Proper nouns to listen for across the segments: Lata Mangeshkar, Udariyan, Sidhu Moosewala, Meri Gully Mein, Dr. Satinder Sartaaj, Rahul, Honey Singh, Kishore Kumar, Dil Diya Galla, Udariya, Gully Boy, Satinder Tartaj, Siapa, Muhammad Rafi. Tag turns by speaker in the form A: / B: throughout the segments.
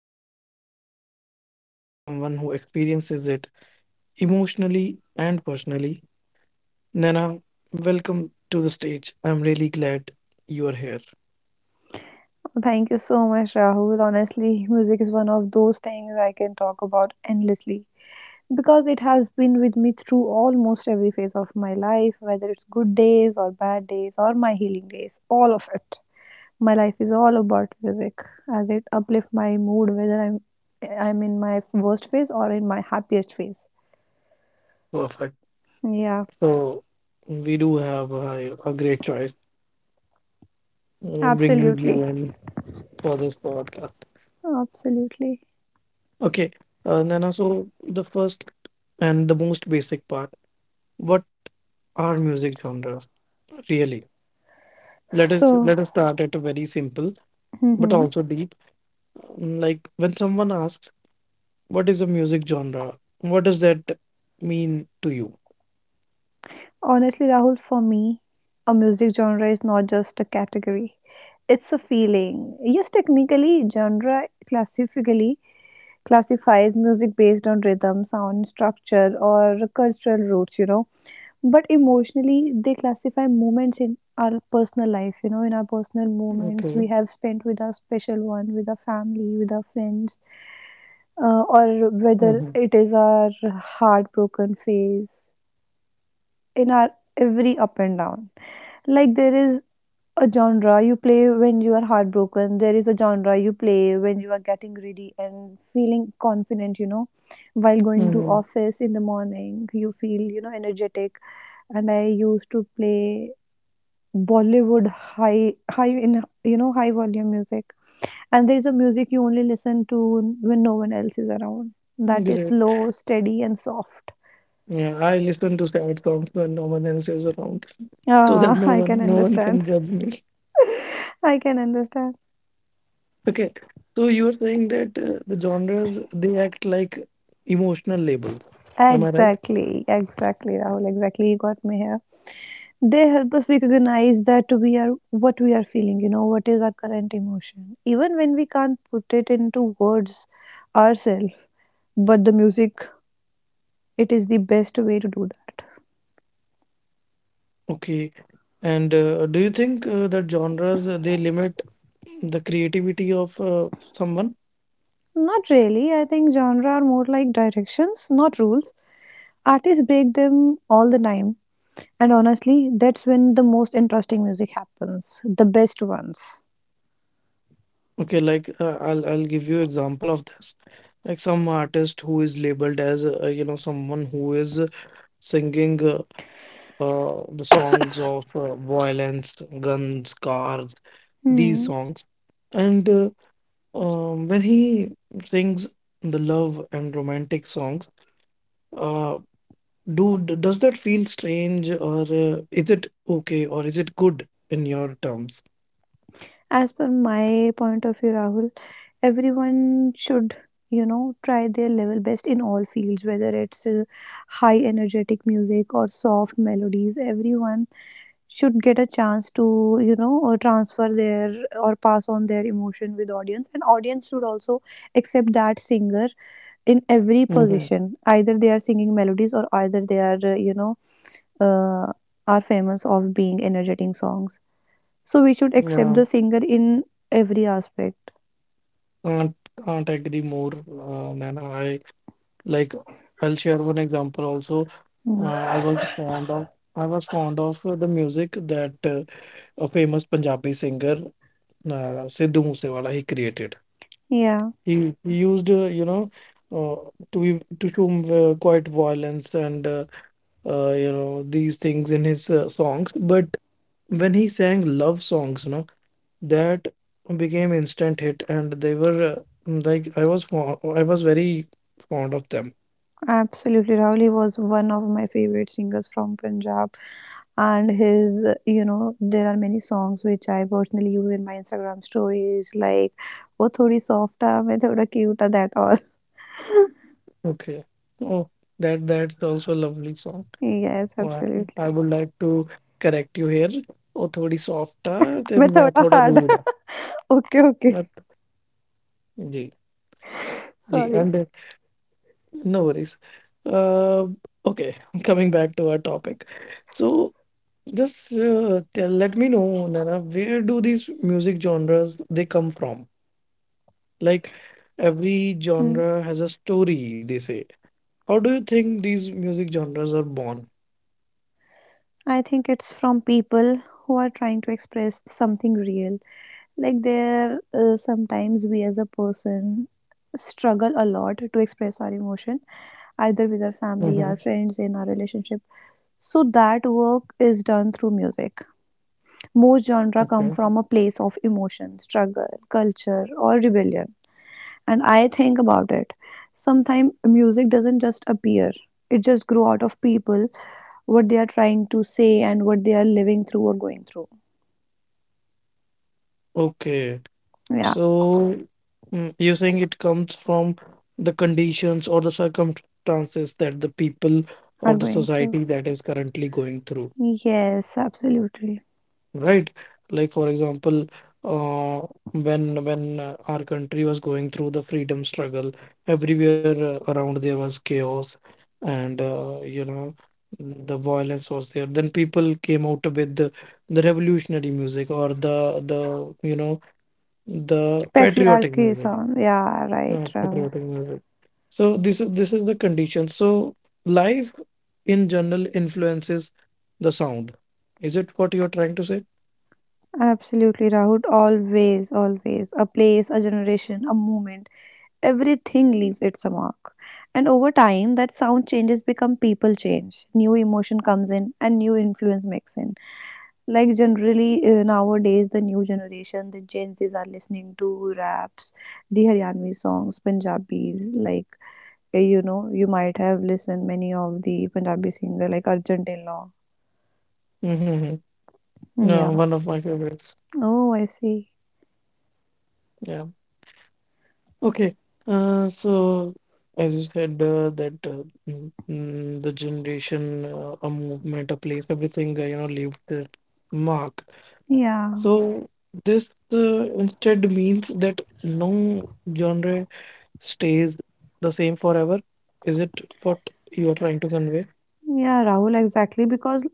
A: not just as a listener, but as someone who experiences it emotionally and personally. Nana, welcome to the stage. I'm really glad you are here.
B: Thank you so much, Rahul. Honestly, music is one of those things I can talk about endlessly because it has been with me through almost every phase of my life, whether it's good days or bad days or my healing days, all of it. My life is all about music as it uplifts my mood, whether I'm in my worst phase or in my happiest phase.
A: Perfect.
B: Yeah,
A: So we do have a great choice bringing
B: absolutely,
A: you in for this podcast.
B: absolutely.
A: Okay, Nana. So the first and the most basic part. What our music genres really. let us
B: So,
A: let us start at a very simple but also deep. Like when someone asks, what is a music genre, what does that mean to you?
B: Honestly, Rahul, for me, a music genre is not just a category. It's a feeling. Yes, technically, genre classifically classifies music based on rhythm, sound, structure, or cultural roots, you know. But emotionally, they classify moments in our personal life, you know, in our personal moments we
A: Okay.
B: have spent with our special one, with our family, with our friends, or whether
A: Mm-hmm.
B: it is our heartbroken phase, in our every up and down. Like there is a genre you play when you are heartbroken, there is a genre you play when you are getting ready and feeling confident, you know, while going to
A: Mm-hmm.
B: office in the morning, you feel, you know, energetic. And I used to play Bollywood high high in high volume music. And there is a music you only listen to when no one else is around. That is
A: Great.
B: slow, steady and soft.
A: Yeah, I listen to sad songs when no one else is around, so that
B: Ah,
A: no
B: I can
A: one no one
B: understand.
A: can judge me.
B: I can understand.
A: Okay, so you're saying that the genres they act like emotional labels, am I right?
B: Exactly, exactly, Rahul. Exactly, you got me here. They help us recognize that we are what we are feeling, you know, what is our current emotion. Even when we can't put it into words ourselves, but the music, it is the best way to do that.
A: Okay. And do you think that genres they limit the creativity of someone?
B: Not really. I think genre are more like directions, not rules. Artists break them all the time. And honestly, that's when the most interesting music happens, the best ones.
A: Okay, like I'll give you example of this. Like some artist who is labeled as someone who is singing the songs of violence, guns, cars, these
B: Hmm.
A: songs, and when he sings the love and romantic songs. uh, Do does that feel strange, or is it okay, or is it good in your terms?
B: As per my point of view, Rahul, everyone should try their level best in all fields, whether it's high energetic music or soft melodies. Everyone should get a chance to or transfer their or pass on their emotion with audience, and audience should also accept that singer in every
A: Hmm.
B: position, either they are singing melodies or either they are uh, are famous of being energetic songs. So we should accept
A: Yeah,
B: the singer in every aspect.
A: can't can't agree more, Nana. I like. I'll share one example also.
B: Hmm.
A: Uh, I was fond of I was fond of the music that a famous Punjabi singer Sidhu Moosewala he created.
B: Yeah.
A: He used uh, to be to show quite violence and these things in his songs, but when he sang love songs, that became instant hit, and they were like I was very fond of them.
B: Absolutely, Rahul. He was one of my favorite singers from Punjab, and his, you know, there are many songs which I personally use in my Instagram stories, like "वो थोड़ी soft आ, मैं थोड़ा cute uh," that all.
A: Okay. Oh, that's also a lovely song.
B: Yes,
A: Oh, I
B: absolutely.
A: would like to correct you here. Oh थोड़ी soft था ते
B: मैं
A: मैं
B: थोड़ा
A: थोड़ा
B: hard uh.
A: rude.
B: Okay,
A: But
B: okay.
A: Ji ji, and
B: Sorry.
A: no worries. uh, okay. Coming back to our topic. So just tell, let me know, Nana, where do these music genres they come from? Like every
B: Hmm.
A: genre has a story, they say. How do you think these music genres are born?
B: I think it's from people who are trying to express something real. Like there, sometimes we as a person struggle a lot to express our emotion, either with our family,
A: Mm-hmm.
B: our friends, in our relationship. So that work is done through music. Most genre come
A: Okay.
B: from a place of emotion, struggle, culture, or rebellion. And I think about it. Sometimes music doesn't just appear; it just grew out of people, what they are trying to say, and what they are living through or going through.
A: Okay,
B: Yeah,
A: so you're saying it comes from the conditions or the circumstances that the people
B: are
A: or the
B: going through.
A: society that is currently going through,
B: Yes, absolutely.
A: right? Like, for example, uh, when our country was going through the freedom struggle, everywhere around there was chaos, and the violence was there. Then people came out with the revolutionary music or the you know the patriotic
B: Patriarchy
A: music,
B: song. Yeah,
A: uh,
B: right.
A: patriotic music. So this is the condition. So life in general influences the sound. Is it what you're trying to say?
B: Absolutely, Rahul. Always, always. A place, a generation, a moment. Everything leaves its mark. And over time, that sound changes become people change. New emotion comes in and new influence mix in. Like generally nowadays, the new generation, the Gen Zs are listening to raps, the Haryanvi songs, Punjabis. Like, you know, you might have listened many of the Punjabi singer like Arjun Law.
A: Hmm. Yeah, one
B: Yeah.
A: of my favorites.
B: Oh, I see.
A: Yeah. Okay. So as you said, that the generation, a movement, a place, everything, leave their mark.
B: Yeah.
A: So this instead means that no genre stays the same forever. Is it what you are trying to convey?
B: Yeah, Rahul, exactly. Because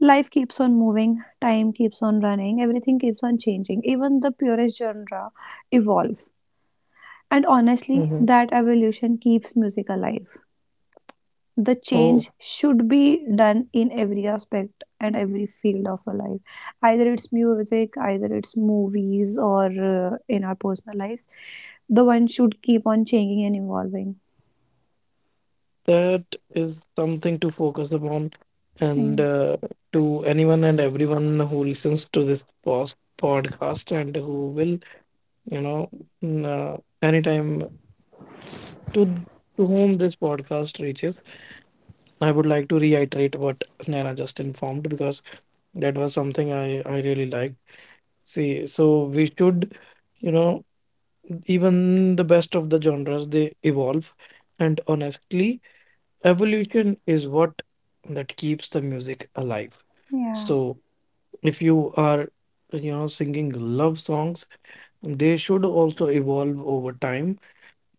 B: life keeps on moving, time keeps on running, everything keeps on changing. Even the purest genre evolve. And honestly,
A: Mm-hmm.
B: that evolution keeps music alive. The change should be done in every aspect and every field of our life. Either it's music, either it's movies, or in our personal lives. The one should keep on changing and evolving.
A: That is something to focus upon.
B: Yeah.
A: And to anyone and everyone who listens to this post podcast, and who will, you know, anytime, to to whom this podcast reaches, I would like to reiterate what Naina just informed, because that was something I really liked. See, so we should, you know, even the best of the genres they evolve, and honestly, evolution is what that keeps the music alive.
B: Yeah.
A: So if you are singing love songs, they should also evolve over time.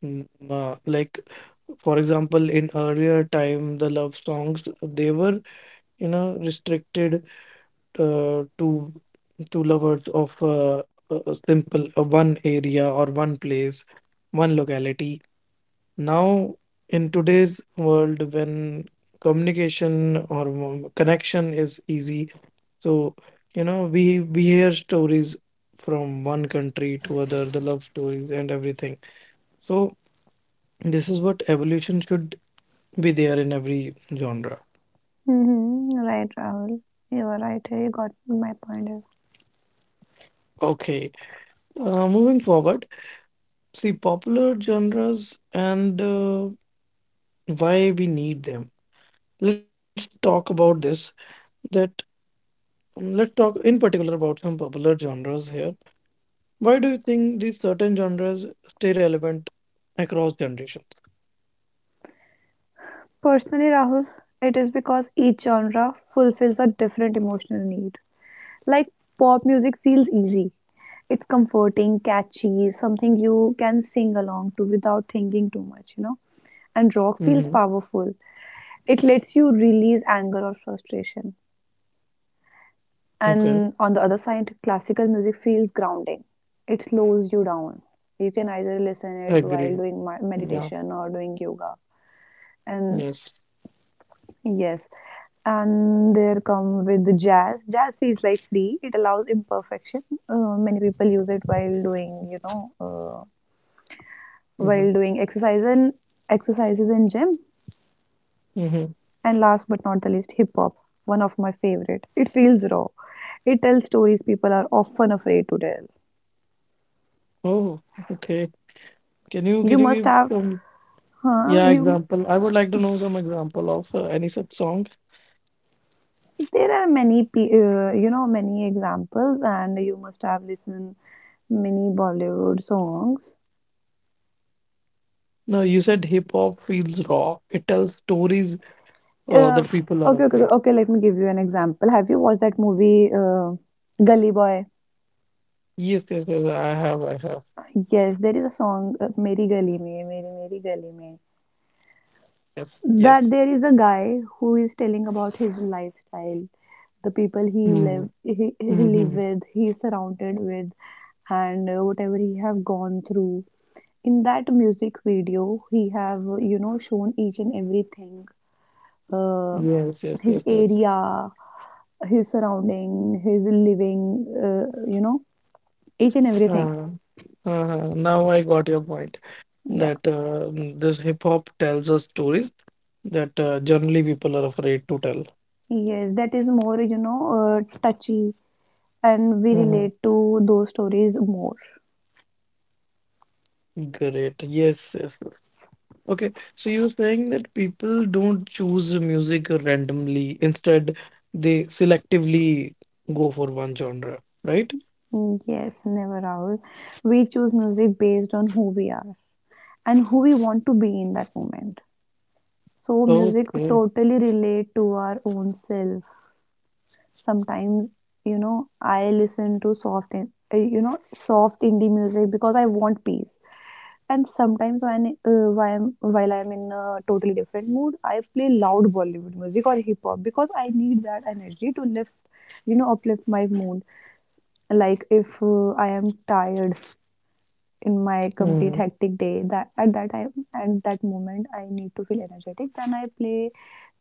A: Mm, like, for example, in earlier time the love songs they were restricted uh, to to lovers of a simple one area or one place one locality. Now, in today's world, when communication or connection is easy, so we hear stories from one country to other, the love stories and everything. So this is what evolution should be there in every genre.
B: Mm-hmm. Right, Rahul. You are right. You got my point.
A: Okay, moving forward, see popular genres and why we need them. Let's talk about this. That Let's talk in particular about some popular genres here. Why do you think these certain genres stay relevant across generations?
B: Personally, Rahul, it is because each genre fulfills a different emotional need. Like pop music feels easy. It's comforting, catchy, something you can sing along to without thinking too much, you know. And rock feels
A: Hmm.
B: powerful. It lets you release anger or frustration.
A: Okay,
B: And on the other side, classical music feels grounding. It slows you down. You can either listen
A: I
B: it
A: agree.
B: while doing my
A: Yeah.
B: meditation or doing yoga. And
A: Yes.
B: yes. And there come with the jazz. Jazz feels like free. It allows imperfection. Many people use it while doing, you know,
A: Hmm.
B: while doing exercise and exercises in gym.
A: Hmm.
B: And last but not the least, hip hop. One of my favorite. It feels raw. It tells stories people are often afraid to tell.
A: Oh, okay. Can you can
B: You
A: you
B: must
A: give
B: have,
A: some,
B: huh?
A: yeah,
B: You.
A: example? I would like to know some example of any such song.
B: There are many, you know, many examples, and you must have listened many Bollywood songs.
A: No, you said hip hop feels raw. It tells stories
B: Uh,
A: that people are afraid.
B: okay, Let me give you an example. Have you watched that movie, Gully Boy?
A: Yes, yes, yes. I have, I have.
B: Yes, there is a song, Meri Gully Mein, Meri Gully Mein,
A: Yes,
B: that
A: yes.
B: there is a guy who is telling about his lifestyle, the people
A: Mm-hmm.
B: he live
A: Mm-hmm.
B: with, he is surrounded with, and whatever he have gone through. In that music video, he have you know shown each and everything uh,
A: Yes, yes,
B: his
A: yes, yes.
B: area, his surrounding, his living, you know, each and everything.
A: Uh, now I got your point,
B: Yeah.
A: that this hip hop tells us stories that generally people are afraid to tell.
B: Yes, that is more, you know, touchy, and we
A: Mhm.
B: relate to those stories more.
A: Great. Yes, yes, yes. Okay. So you're saying that people don't choose music randomly. Instead, they selectively go for one genre, right?
B: Mm, yes, never Rahul. We choose music based on who we are and who we want to be in that moment. So music
A: Okay.
B: totally relate to our own self. Sometimes, you know, I listen to soft soft indie music because I want peace. And sometimes when while I'm in a totally different mood, I play loud Bollywood music or hip hop because I need that energy to lift, you know, uplift my mood. Like if I am tired in my complete
A: Mhm.
B: hectic day, that at that time, at that moment, I need to feel energetic, then I play,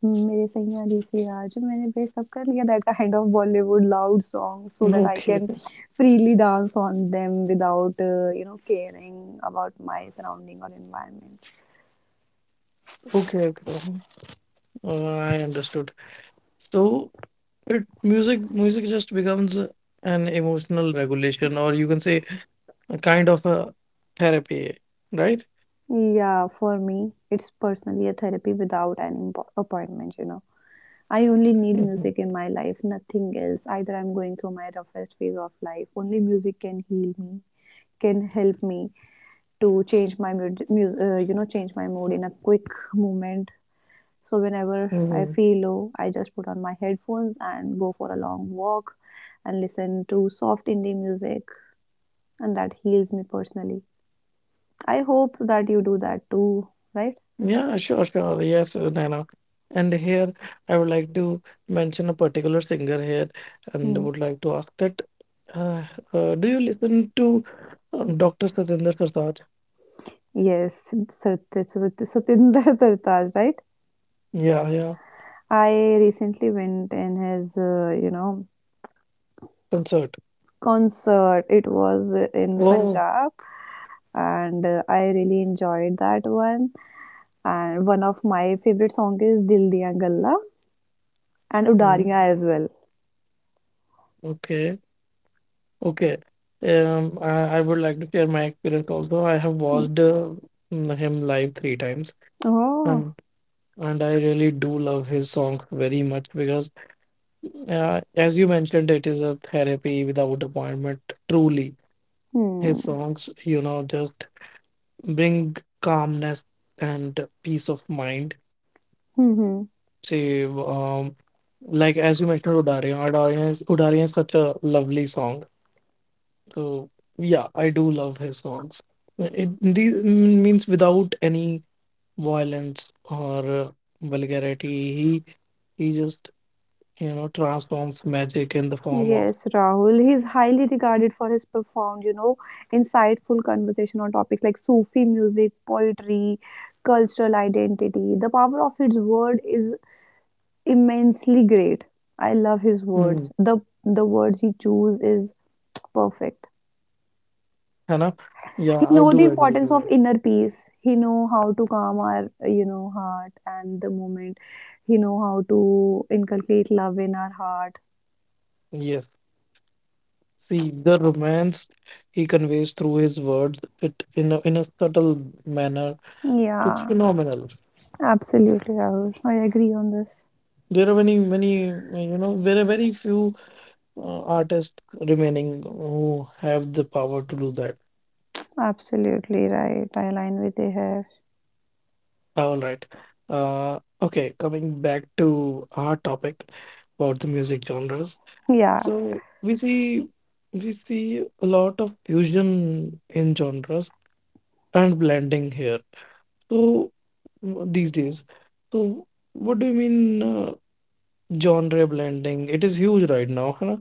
B: mm, मेरे सैया जैसे आज मैंने वे सब कर लिया, that kind of Bollywood loud song so that I
A: Okay.
B: can freely dance on them without you know caring about my surrounding or environment.
A: Okay, bro. I understood. So It music music just becomes an emotional regulation, or you can say a kind of a therapy, right?
B: Yeah, for me it's personally a therapy without an appointment, you know. I only need
A: Mhm.
B: music in my life, nothing else. Either I'm going through my roughest phase of life, only music can heal me, can help me to change my mood, you know, change my mood in a quick moment. So whenever I
A: Mhm.
B: feel low, I just put on my headphones and go for a long walk and listen to soft indie music, and that heals me personally. I hope that you do that too, right?
A: Yeah, sure, sure. Yes, Naina. And here I would like to mention a particular singer here and
B: Hmm.
A: would like to ask that uh, do you listen to Dr. Satinder Sartaaj?
B: Yes, Satinder Tartaj, right?
A: Yeah, yeah,
B: I recently went in his,
A: concert.
B: concert. It was in
A: Oh,
B: Punjab, and I really enjoyed that one. And one of my favorite songs is Dil Diya Galla and
A: mm,
B: Udariya as well.
A: okay. Okay. I would like to share my experience also. I have
B: Hmm.
A: watched him live three times,
B: Oh,
A: and and I really do love his songs very much, because, as you mentioned, it is a therapy without appointment. Truly, his
B: hmm.
A: songs, just bring calmness and peace of mind.
B: Mhm.
A: Say, like as you mentioned, Udariyan. Udariyan is such a lovely song. So yeah, I do love his songs. It these means without any violence or vulgarity. He he just transforms magic in the form of
B: Yes, Rahul. He's highly regarded for his profound, you know, insightful conversation on topics like Sufi music, poetry, cultural identity. The power of his word is immensely great. I love his
A: mm.
B: words. The words he choose is perfect.
A: है ना? Yeah,
B: He
A: I
B: know the
A: do agree with
B: importance of
A: that.
B: inner peace. He know how to calm our, you know, heart and the moment. He know how to inculcate love in our heart.
A: Yes. See the romance he conveys through his words, it in a subtle manner. It's
B: Yeah,
A: phenomenal.
B: absolutely Rahul. I agree on this.
A: There are very few artists remaining who have the power to do that.
B: Absolutely right, I align with you.
A: All right. Okay, coming back to our topic about the music genres.
B: Yeah.
A: So we see a lot of fusion in genres and blending here. So these days, so what do you mean genre blending? It is huge right now, huh?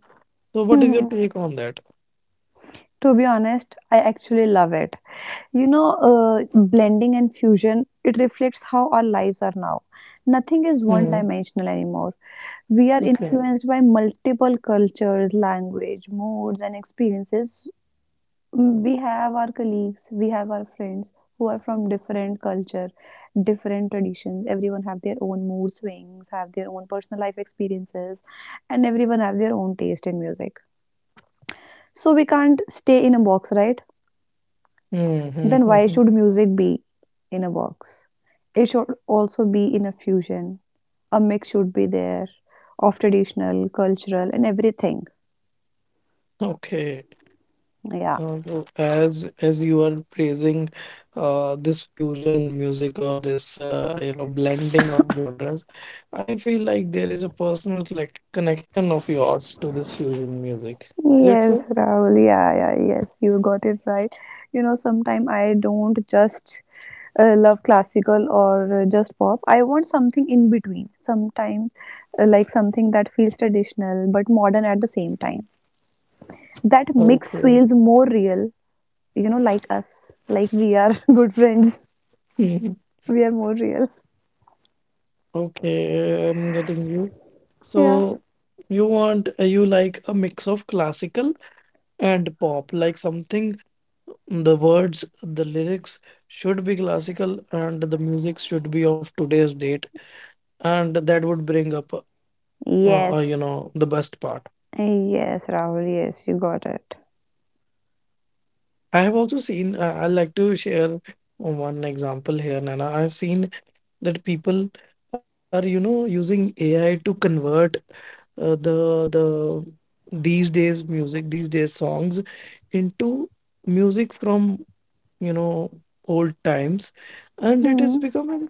A: So what is your
B: Hmm.
A: take on that?
B: To be honest, I actually love it. You know, blending and fusion, it reflects how our lives are now. Nothing is one
A: Hmm.
B: dimensional anymore. We are
A: Okay.
B: influenced by multiple cultures, language, moods, and experiences. Mm, we have our colleagues, we have our friends who are from different culture, different traditions. Everyone have their own mood swings, have their own personal life experiences, and everyone have their own taste in music. So we can't stay in a box, right?
A: Hmm. Hmm,
B: Then
A: hmm,
B: why
A: hmm.
B: should music be in a box? It should also be in a fusion. A mix should be there of traditional, cultural, and everything.
A: Okay.
B: Yeah.
A: So as you are praising this fusion music or this blending of genres, I feel like there is a personal collect connection of yours to this fusion music. Is it
B: Yes,
A: so?
B: Rahul. Yeah, yeah, yes, you got it right. You know, sometimes I don't just love classical or just pop. I want something in between. Sometimes, like something that feels traditional but modern at the same time. That mix
A: Okay.
B: feels more real, you know, like us. Like we are good friends.
A: Mhm.
B: We are more real.
A: Okay, I'm getting you.
B: Yeah.
A: So you like a mix of classical and pop, like something the words, the lyrics should be classical and the music should be of today's date, and that would bring up
B: Yes.
A: the best part.
B: Yes, Rahul. Yes, you got it.
A: I have also seen. I like to share one example here, Nana. I have seen that people are using AI to convert uh, the the these days songs into music from you know old times. And it is
B: Hmm.
A: becoming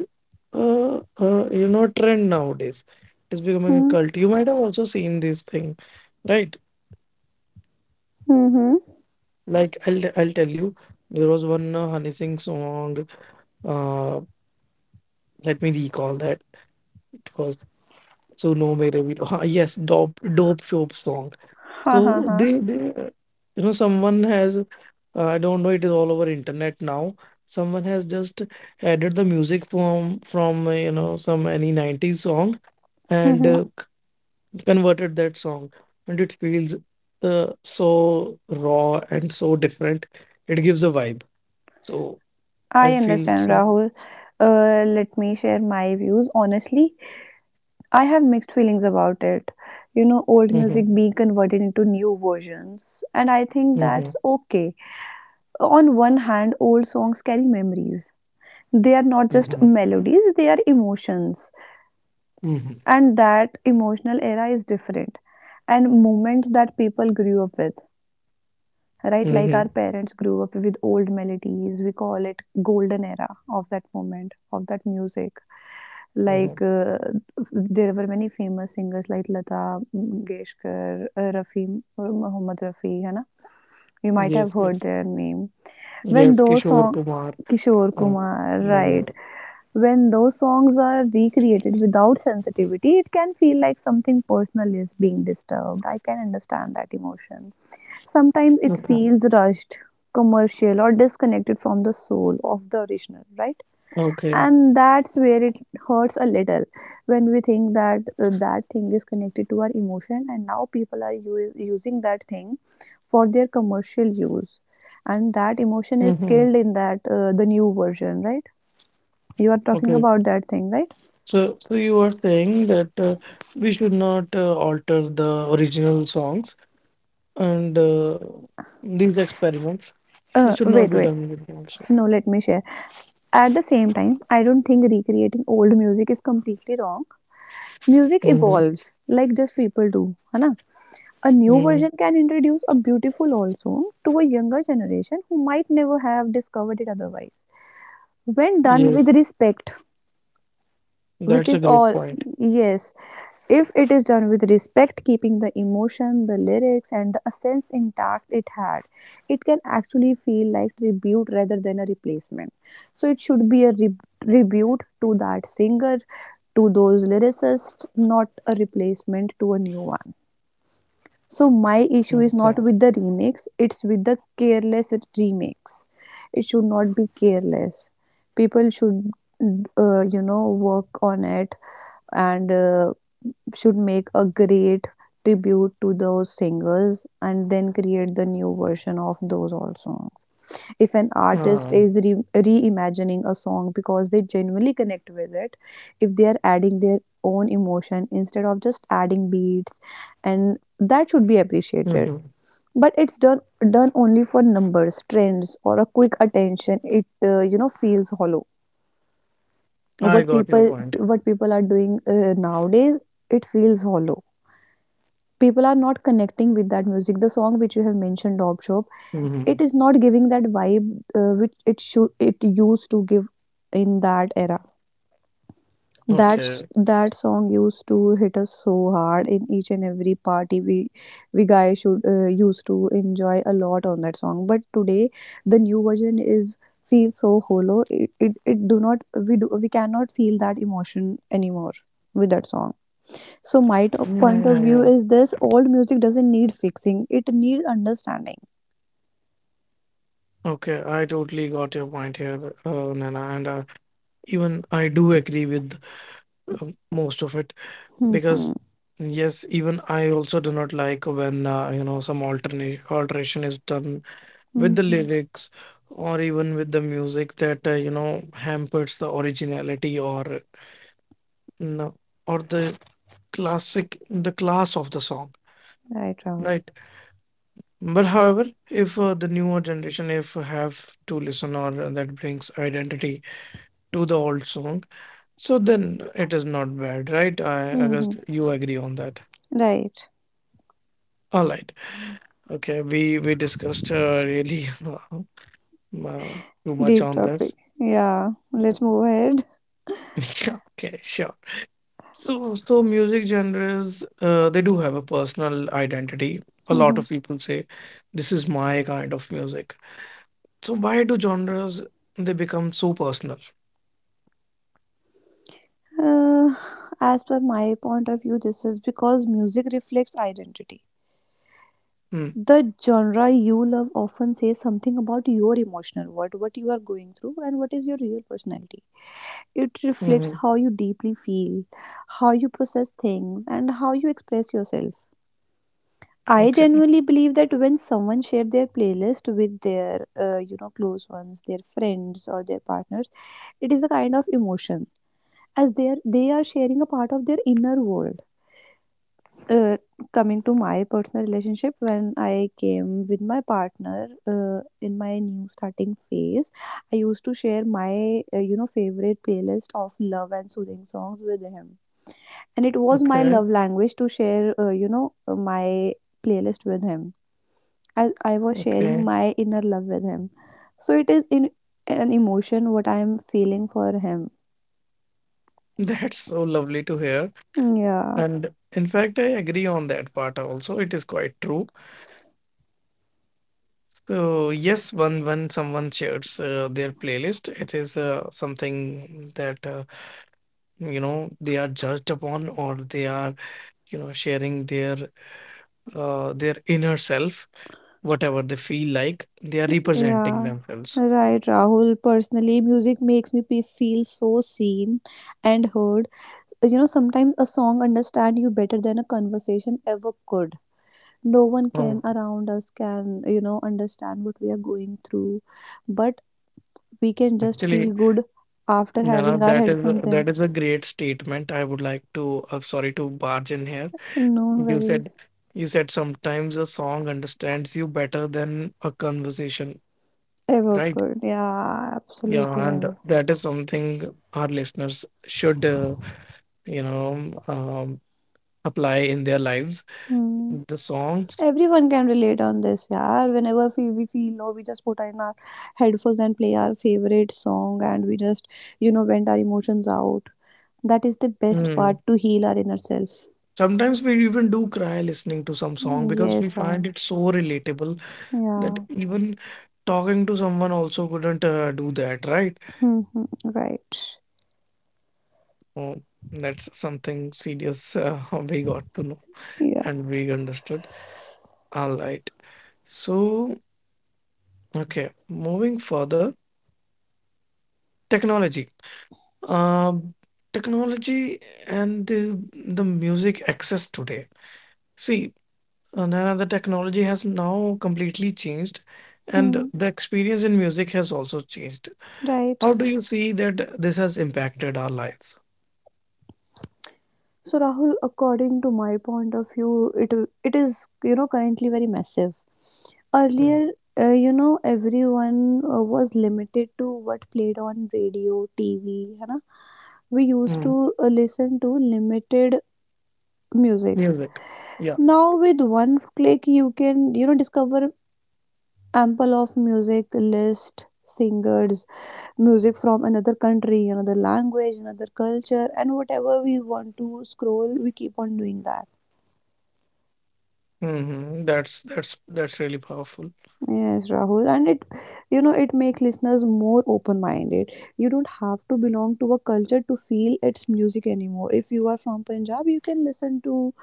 A: uh, a trend nowadays. It's becoming a
B: Hmm.
A: cult. You might have also seen this thing, right?
B: Hmm. Hmm.
A: Like I'll tell you, there was one Honey Singh song. Uh, Let me recall that it was so no mere Veeru." Yes, dope shop song.
B: Ha ha
A: So
B: ha.
A: they you know someone has I don't know, it is all over internet now. Someone has just added the music from some any 90s song, and
B: Mm-hmm.
A: converted that song, and it feels so raw and so different. It gives a vibe. So. I
B: I
A: feel
B: understand,
A: some.
B: Rahul. Let me share my views. Honestly, I have mixed feelings about it. You know, old music
A: Mhm,
B: being converted into new versions, and I think
A: mhm,
B: that's okay. On one hand, old songs carry memories. They are not just
A: mhm,
B: melodies, they are emotions.
A: mhm,
B: And that emotional era is different and moments that people grew up with, right? Like our
A: mhm,
B: parents grew up with old melodies. We call it golden era of that moment, of that music.
A: mhm.
B: Like uh, there were many famous singers like Lata Mangeshkar, Rafi, Muhammad Rafi, hai na? You might have
A: Yes,
B: heard
A: yes,
B: their name. When
A: yes.
B: those
A: Kishore
B: songs,
A: Kumar,
B: Kishore
A: uh,
B: Kumar,
A: many
B: right?
A: other.
B: When those songs are recreated without sensitivity, it can feel like something personal is being disturbed. I can understand that emotion. Sometimes it
A: Okay,
B: feels rushed, commercial, or disconnected from the soul of the original, right?
A: okay,
B: And that's where it hurts a little when we think that that thing is connected to our emotion, and now people are using that thing for their commercial use, and that emotion is
A: hmm,
B: killed in that the new version, right? You are talking
A: okay.
B: about that thing, right?
A: So you are saying that we should not alter the original songs, and these experiments. They should not be
B: Wait, wait.
A: done with them. So.
B: No, let me share. At the same time, I don't think recreating old music is completely wrong. Music
A: Hmm.
B: evolves, like just people do. है ना? A new
A: Hmm.
B: version can introduce a beautiful old song to a younger generation who might never have discovered it otherwise. When done
A: Yes,
B: with respect, which
A: that's a
B: is
A: great
B: all,
A: point.
B: yes, if it is done with respect, keeping the emotion, the lyrics and the essence intact it had, it can actually feel like tribute rather than a replacement. So it should be a tribute to that singer, to those lyricists, not a replacement to a new one. So my issue is not
A: Okay.
B: with the remix, it's with the careless remix. It should not be careless. People should you know, work on it and should make a great tribute to those singers and then create the new version of those also. If an artist
A: Um,
B: is reimagining a song because they genuinely connect with it, if they are adding their own emotion instead of just adding beats, and that should be appreciated.
A: mhm.
B: But it's done only for numbers, trends or a quick attention, it you know, feels hollow.
A: I
B: what
A: got your
B: people
A: point.
B: what people are doing nowadays, it feels hollow. People are not connecting with that music, the song which you have mentioned, Dob Shop.
A: Mm-hmm.
B: It is not giving that vibe which it used to give in that era.
A: Okay.
B: That song used to hit us so hard in each and every party. We guys should used to enjoy a lot on that song, but today the new version is feel so hollow. It it do not, we cannot feel that emotion anymore with that song. So my top
A: Yeah,
B: point
A: yeah,
B: of view
A: yeah.
B: is this: old music doesn't need fixing; it needs understanding.
A: Okay, I totally got your point here, Nana, and even I do agree with most of it because
B: Mm-hmm.
A: yes, even I also do not like when some alternate alteration is done with the
B: Mm-hmm.
A: lyrics or even with the music that hampers the originality or no or the class of the song,
B: Right, Rahul.
A: right? But however, if the newer generation if have to listen or that brings identity to the old song, so then it is not bad, right? I guess
B: Mm-hmm.
A: you agree on that.
B: Right.
A: All right. Okay, we discussed really too much
B: Deep
A: on this.
B: topic. Yeah.
A: Yeah,
B: Let's move ahead.
A: yeah, okay, sure. So music genres, they do have a personal identity. A lot
B: Mm-hmm.
A: of people say, "This is my kind of music." So, why do genres they become so personal?
B: Uh, as per my point of view, this is because music reflects identity.
A: Mm,
B: The genre you love often says something about your emotional world, what you are going through, and what is your real personality. It reflects
A: mhm.
B: how you deeply feel, how you process things, and how you express yourself. I
A: Okay,
B: genuinely believe that when someone shares their playlist with their, you know, close ones, their friends or their partners, it is a kind of emotion, as they are sharing a part of their inner world. Uh, Coming to my personal relationship, when I came with my partner in my new starting phase, I used to share my, you know, favorite playlist of love and soothing songs with him, and it was my
A: okay,
B: love language to share you know, my playlist with him. As I was sharing
A: okay.
B: my inner love with him, so it is in an emotion what I am feeling for him.
A: That's so lovely to hear.
B: Mm, yeah.
A: And in fact, I agree on that part also. It is quite true. So yes, when someone shares their playlist, it is something that they are judged upon, or they are sharing their inner self, whatever they feel like, they are representing
B: Yeah,
A: themselves.
B: right, Rahul. Personally, music makes me feel so seen and heard. You know, sometimes a song understand you better than a conversation ever could. no one can
A: Oh,
B: around us can you know, understand what we are going through, but we can just feel
A: actually.
B: good after
A: Nana,
B: having our
A: that is
B: headphones in.
A: that is a great statement. I would like to, sorry to barge in here.
B: No
A: You
B: worries,
A: said you said sometimes a song understands you better than a conversation,
B: ever
A: right?
B: could. Yeah, absolutely,
A: Yeah, and
B: Rahul.
A: that is something our listeners should, you know, um, apply in their lives.
B: Hmm.
A: The songs.
B: Everyone can relate on this, yeah. Whenever we feel low, we just put in our headphones and play our favorite song, and we just, you know, vent our emotions out. That is the best part
A: Mm.
B: to heal our inner self.
A: Sometimes we even do cry listening to some song
B: Hmm,
A: because
B: yes,
A: we
B: Ra.
A: find it so relatable that
B: Yeah.
A: even talking to someone also couldn't do that, right?
B: Hmm, hmm, right.
A: Oh, that's something serious we got to know
B: Yeah.
A: and we understood. All right. So, okay, moving further, technology. Um, technology and the music access today. See, Naina, the technology has now completely changed, and
B: Hmm.
A: the experience in music has also changed.
B: Right.
A: How do you see that this has impacted our lives?
B: So Rahul, according to my point of view, it is, you know, currently very massive.
A: Mm,
B: Earlier, you know, everyone was limited to what played on radio, TV. है ना? We used
A: mm,
B: to listen to limited music.
A: music. Yeah.
B: Now with one click, you can, you know, discover ample of music list singers, music from another country, another language, another culture, and whatever we want to scroll, we keep on doing that.
A: Hmm, that's really powerful.
B: Yes, Rahul, and it, you know, it makes listeners more open-minded. You don't have to belong to a culture to feel its music anymore. If you are from Punjab, you can listen to,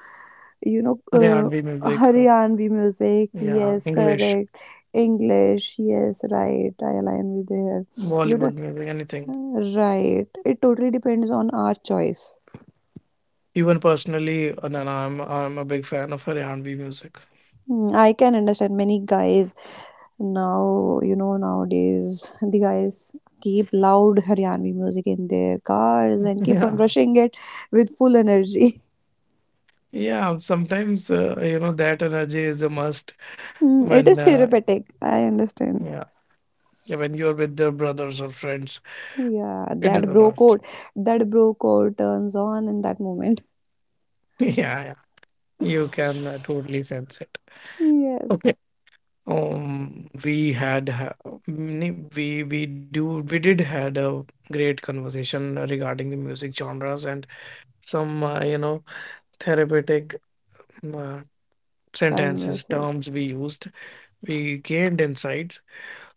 B: you know,
A: R&B music,
B: Haryanvi music.
A: yeah,
B: Yes,
A: English,
B: correct. English. Yes, right. I align with there. You
A: Bollywood
B: don't,
A: music, anything.
B: right. It totally depends on our choice.
A: Even personally, no, no, I'm a big fan of R&B music.
B: Hmm, I can understand many guys. Now, you know, nowadays the guys keep loud Haryanvi music in their cars and keep on
A: Yeah,
B: rushing it with full energy.
A: yeah. Sometimes that energy is a must
B: Hmm, it
A: when
B: is therapeutic, I understand.
A: yeah yeah when you're with your brothers or friends,
B: Yeah,
A: it is a must.
B: that bro code turns on in that moment.
A: Yeah, yeah. You can totally sense it.
B: Yes,
A: Okay. Um, we had ha- mm, we did had a great conversation regarding the music genres and some therapeutic uh, sentences
B: converse.
A: terms we used, we gained insights.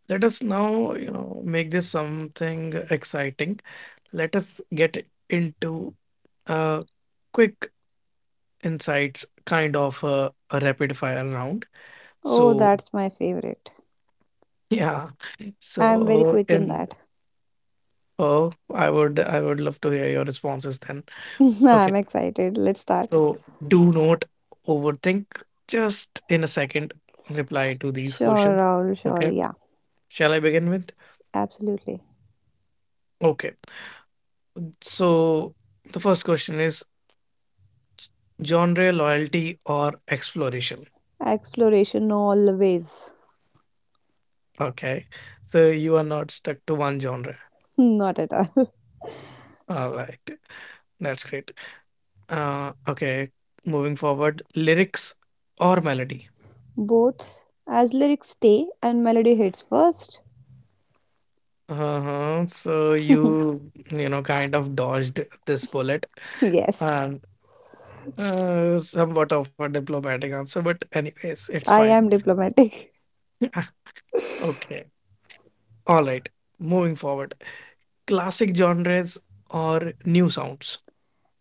A: Let us now, make this something exciting. Let us get into a quick insights kind of a rapid fire round,
B: Oh,
A: so
B: that's my favorite.
A: yeah,
B: I'm very
A: so
B: quick in
A: in,
B: that.
A: oh, I would love to hear your responses then. Okay.
B: I'm excited. Let's start.
A: So do not overthink. Just in a second, reply
B: Sh-
A: to these
B: sure,
A: questions.
B: Raul, sure.
A: Okay.
B: Yeah,
A: Shall I begin with?
B: absolutely.
A: Okay. So the first question is genre loyalty or exploration.
B: Exploration always.
A: Okay. So you are not stuck to one genre.
B: Not at all.
A: All right. That's great. Okay. Moving forward, lyrics or melody.
B: Both, as lyrics stay and melody hits first.
A: Uh-huh. So you, kind of dodged this bullet.
B: Yes,
A: Um, somewhat of a diplomatic answer, but anyways, it's
B: I
A: fine.
B: am diplomatic.
A: Yeah, okay. All right. Moving forward. Classic genres or new sounds?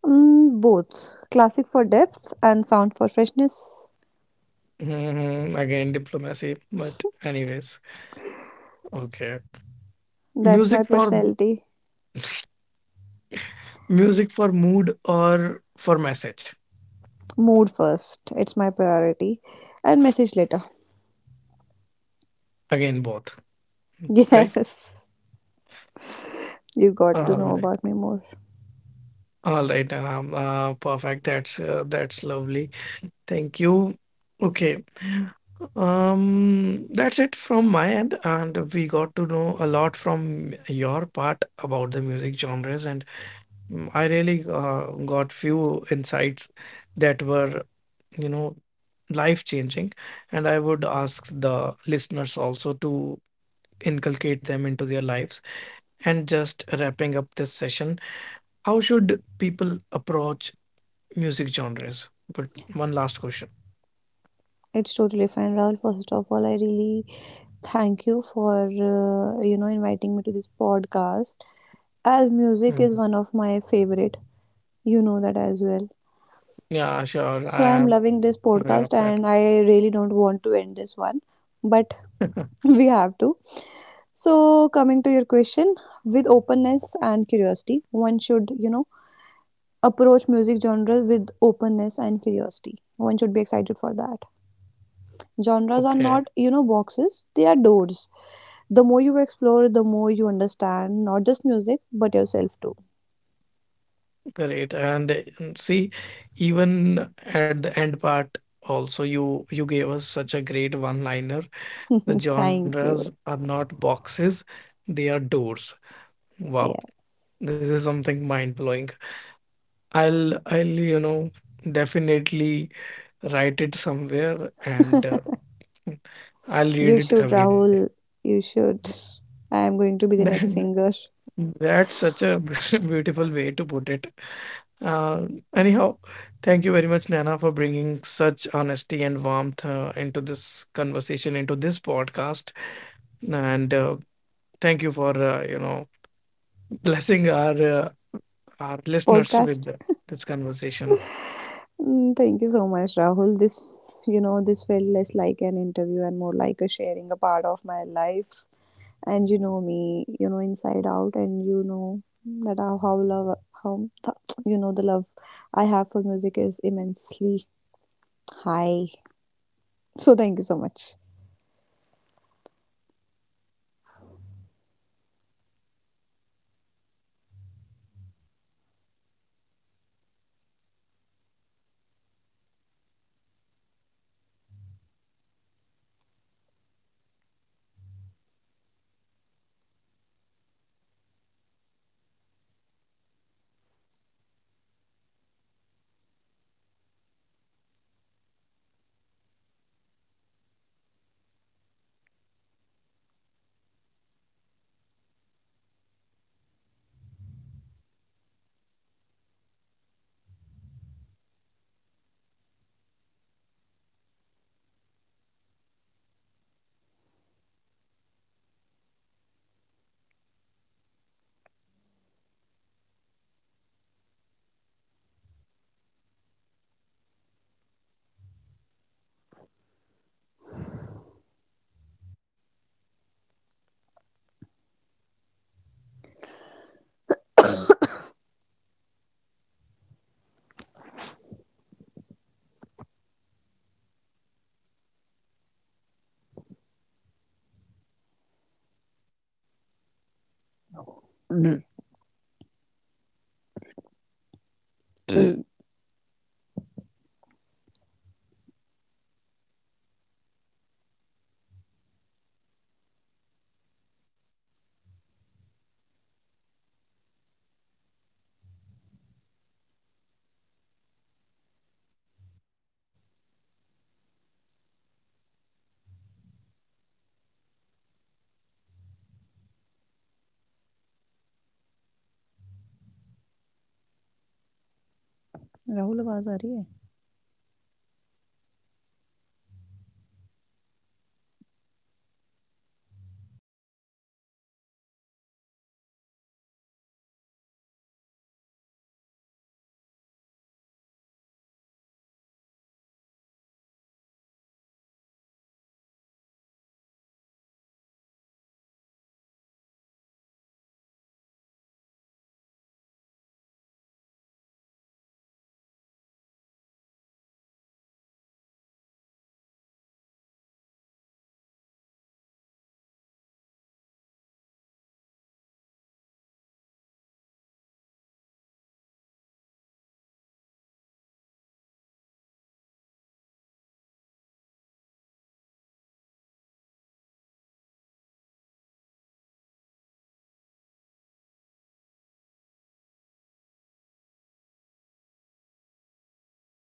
B: Mm, both, classic for depth and sound for freshness.
A: Hmm. Again, diplomacy, but anyways. Okay.
B: That's my
A: Music for
B: personality.
A: music for mood or for message?
B: Mood first, it's my priority, and message later.
A: Again, both, right?
B: Yes, you got to
A: All
B: know
A: right.
B: about me more.
A: All right, and perfect. That's lovely. Thank you. Okay. That's it from my end, and we got to know a lot from your part about the music genres, and mm, I really got few insights that were, you know, life changing, and I would ask the listeners also to inculcate them into their lives. And just wrapping up this session, how should people approach music genres? But one last question.
B: It's totally fine, Rahul. First of all, I really thank you for you know, inviting me to this podcast. As music is one of my favorite, you know that as well.
A: Yeah, sure.
B: So
A: I
B: I'm
A: am
B: loving this
A: aware
B: podcast
A: of
B: and
A: that.
B: I really don't want to end this one, but we have to. So coming to your question, with openness and curiosity, one should, you know, approach music genres with openness and curiosity. One should be excited for that. Genres are not,
A: Okay,
B: you know, boxes, they are doors. The more you explore, the more you understand not just music, but yourself too.
A: great. And mm, see, even at the end part, also you gave us such a great one-liner. The
B: Thank
A: genres
B: you.
A: are not boxes, they are doors. Wow,
B: Yeah.
A: this is something mind-blowing. I'll you know definitely write it somewhere and I'll
B: You
A: read it
B: should,
A: every day.
B: Rahul. You should. I am going to be the next
A: That-
B: singer
A: That's such a beautiful way to put it. Uh, anyhow, thank you very much, Nana, for bringing such honesty and warmth into this conversation, into this podcast. And thank you for blessing our listeners
B: podcast.
A: with this conversation.
B: Mm, thank you so much, Rahul. This, you know, this felt less like an interview and more like a sharing a part of my life. And you know me, you know, inside out,
A: Hello,
B: and you know that how love, how,
A: can you hear me,
B: you know, the
A: Nana?
B: love I have for music is immensely high. So
A: All
B: thank you so
A: right. I
B: much.
A: suppose she is disconnected. Thank you very much for listening. This. Thank you.
B: Rahul. Rahul आवाज आ रही है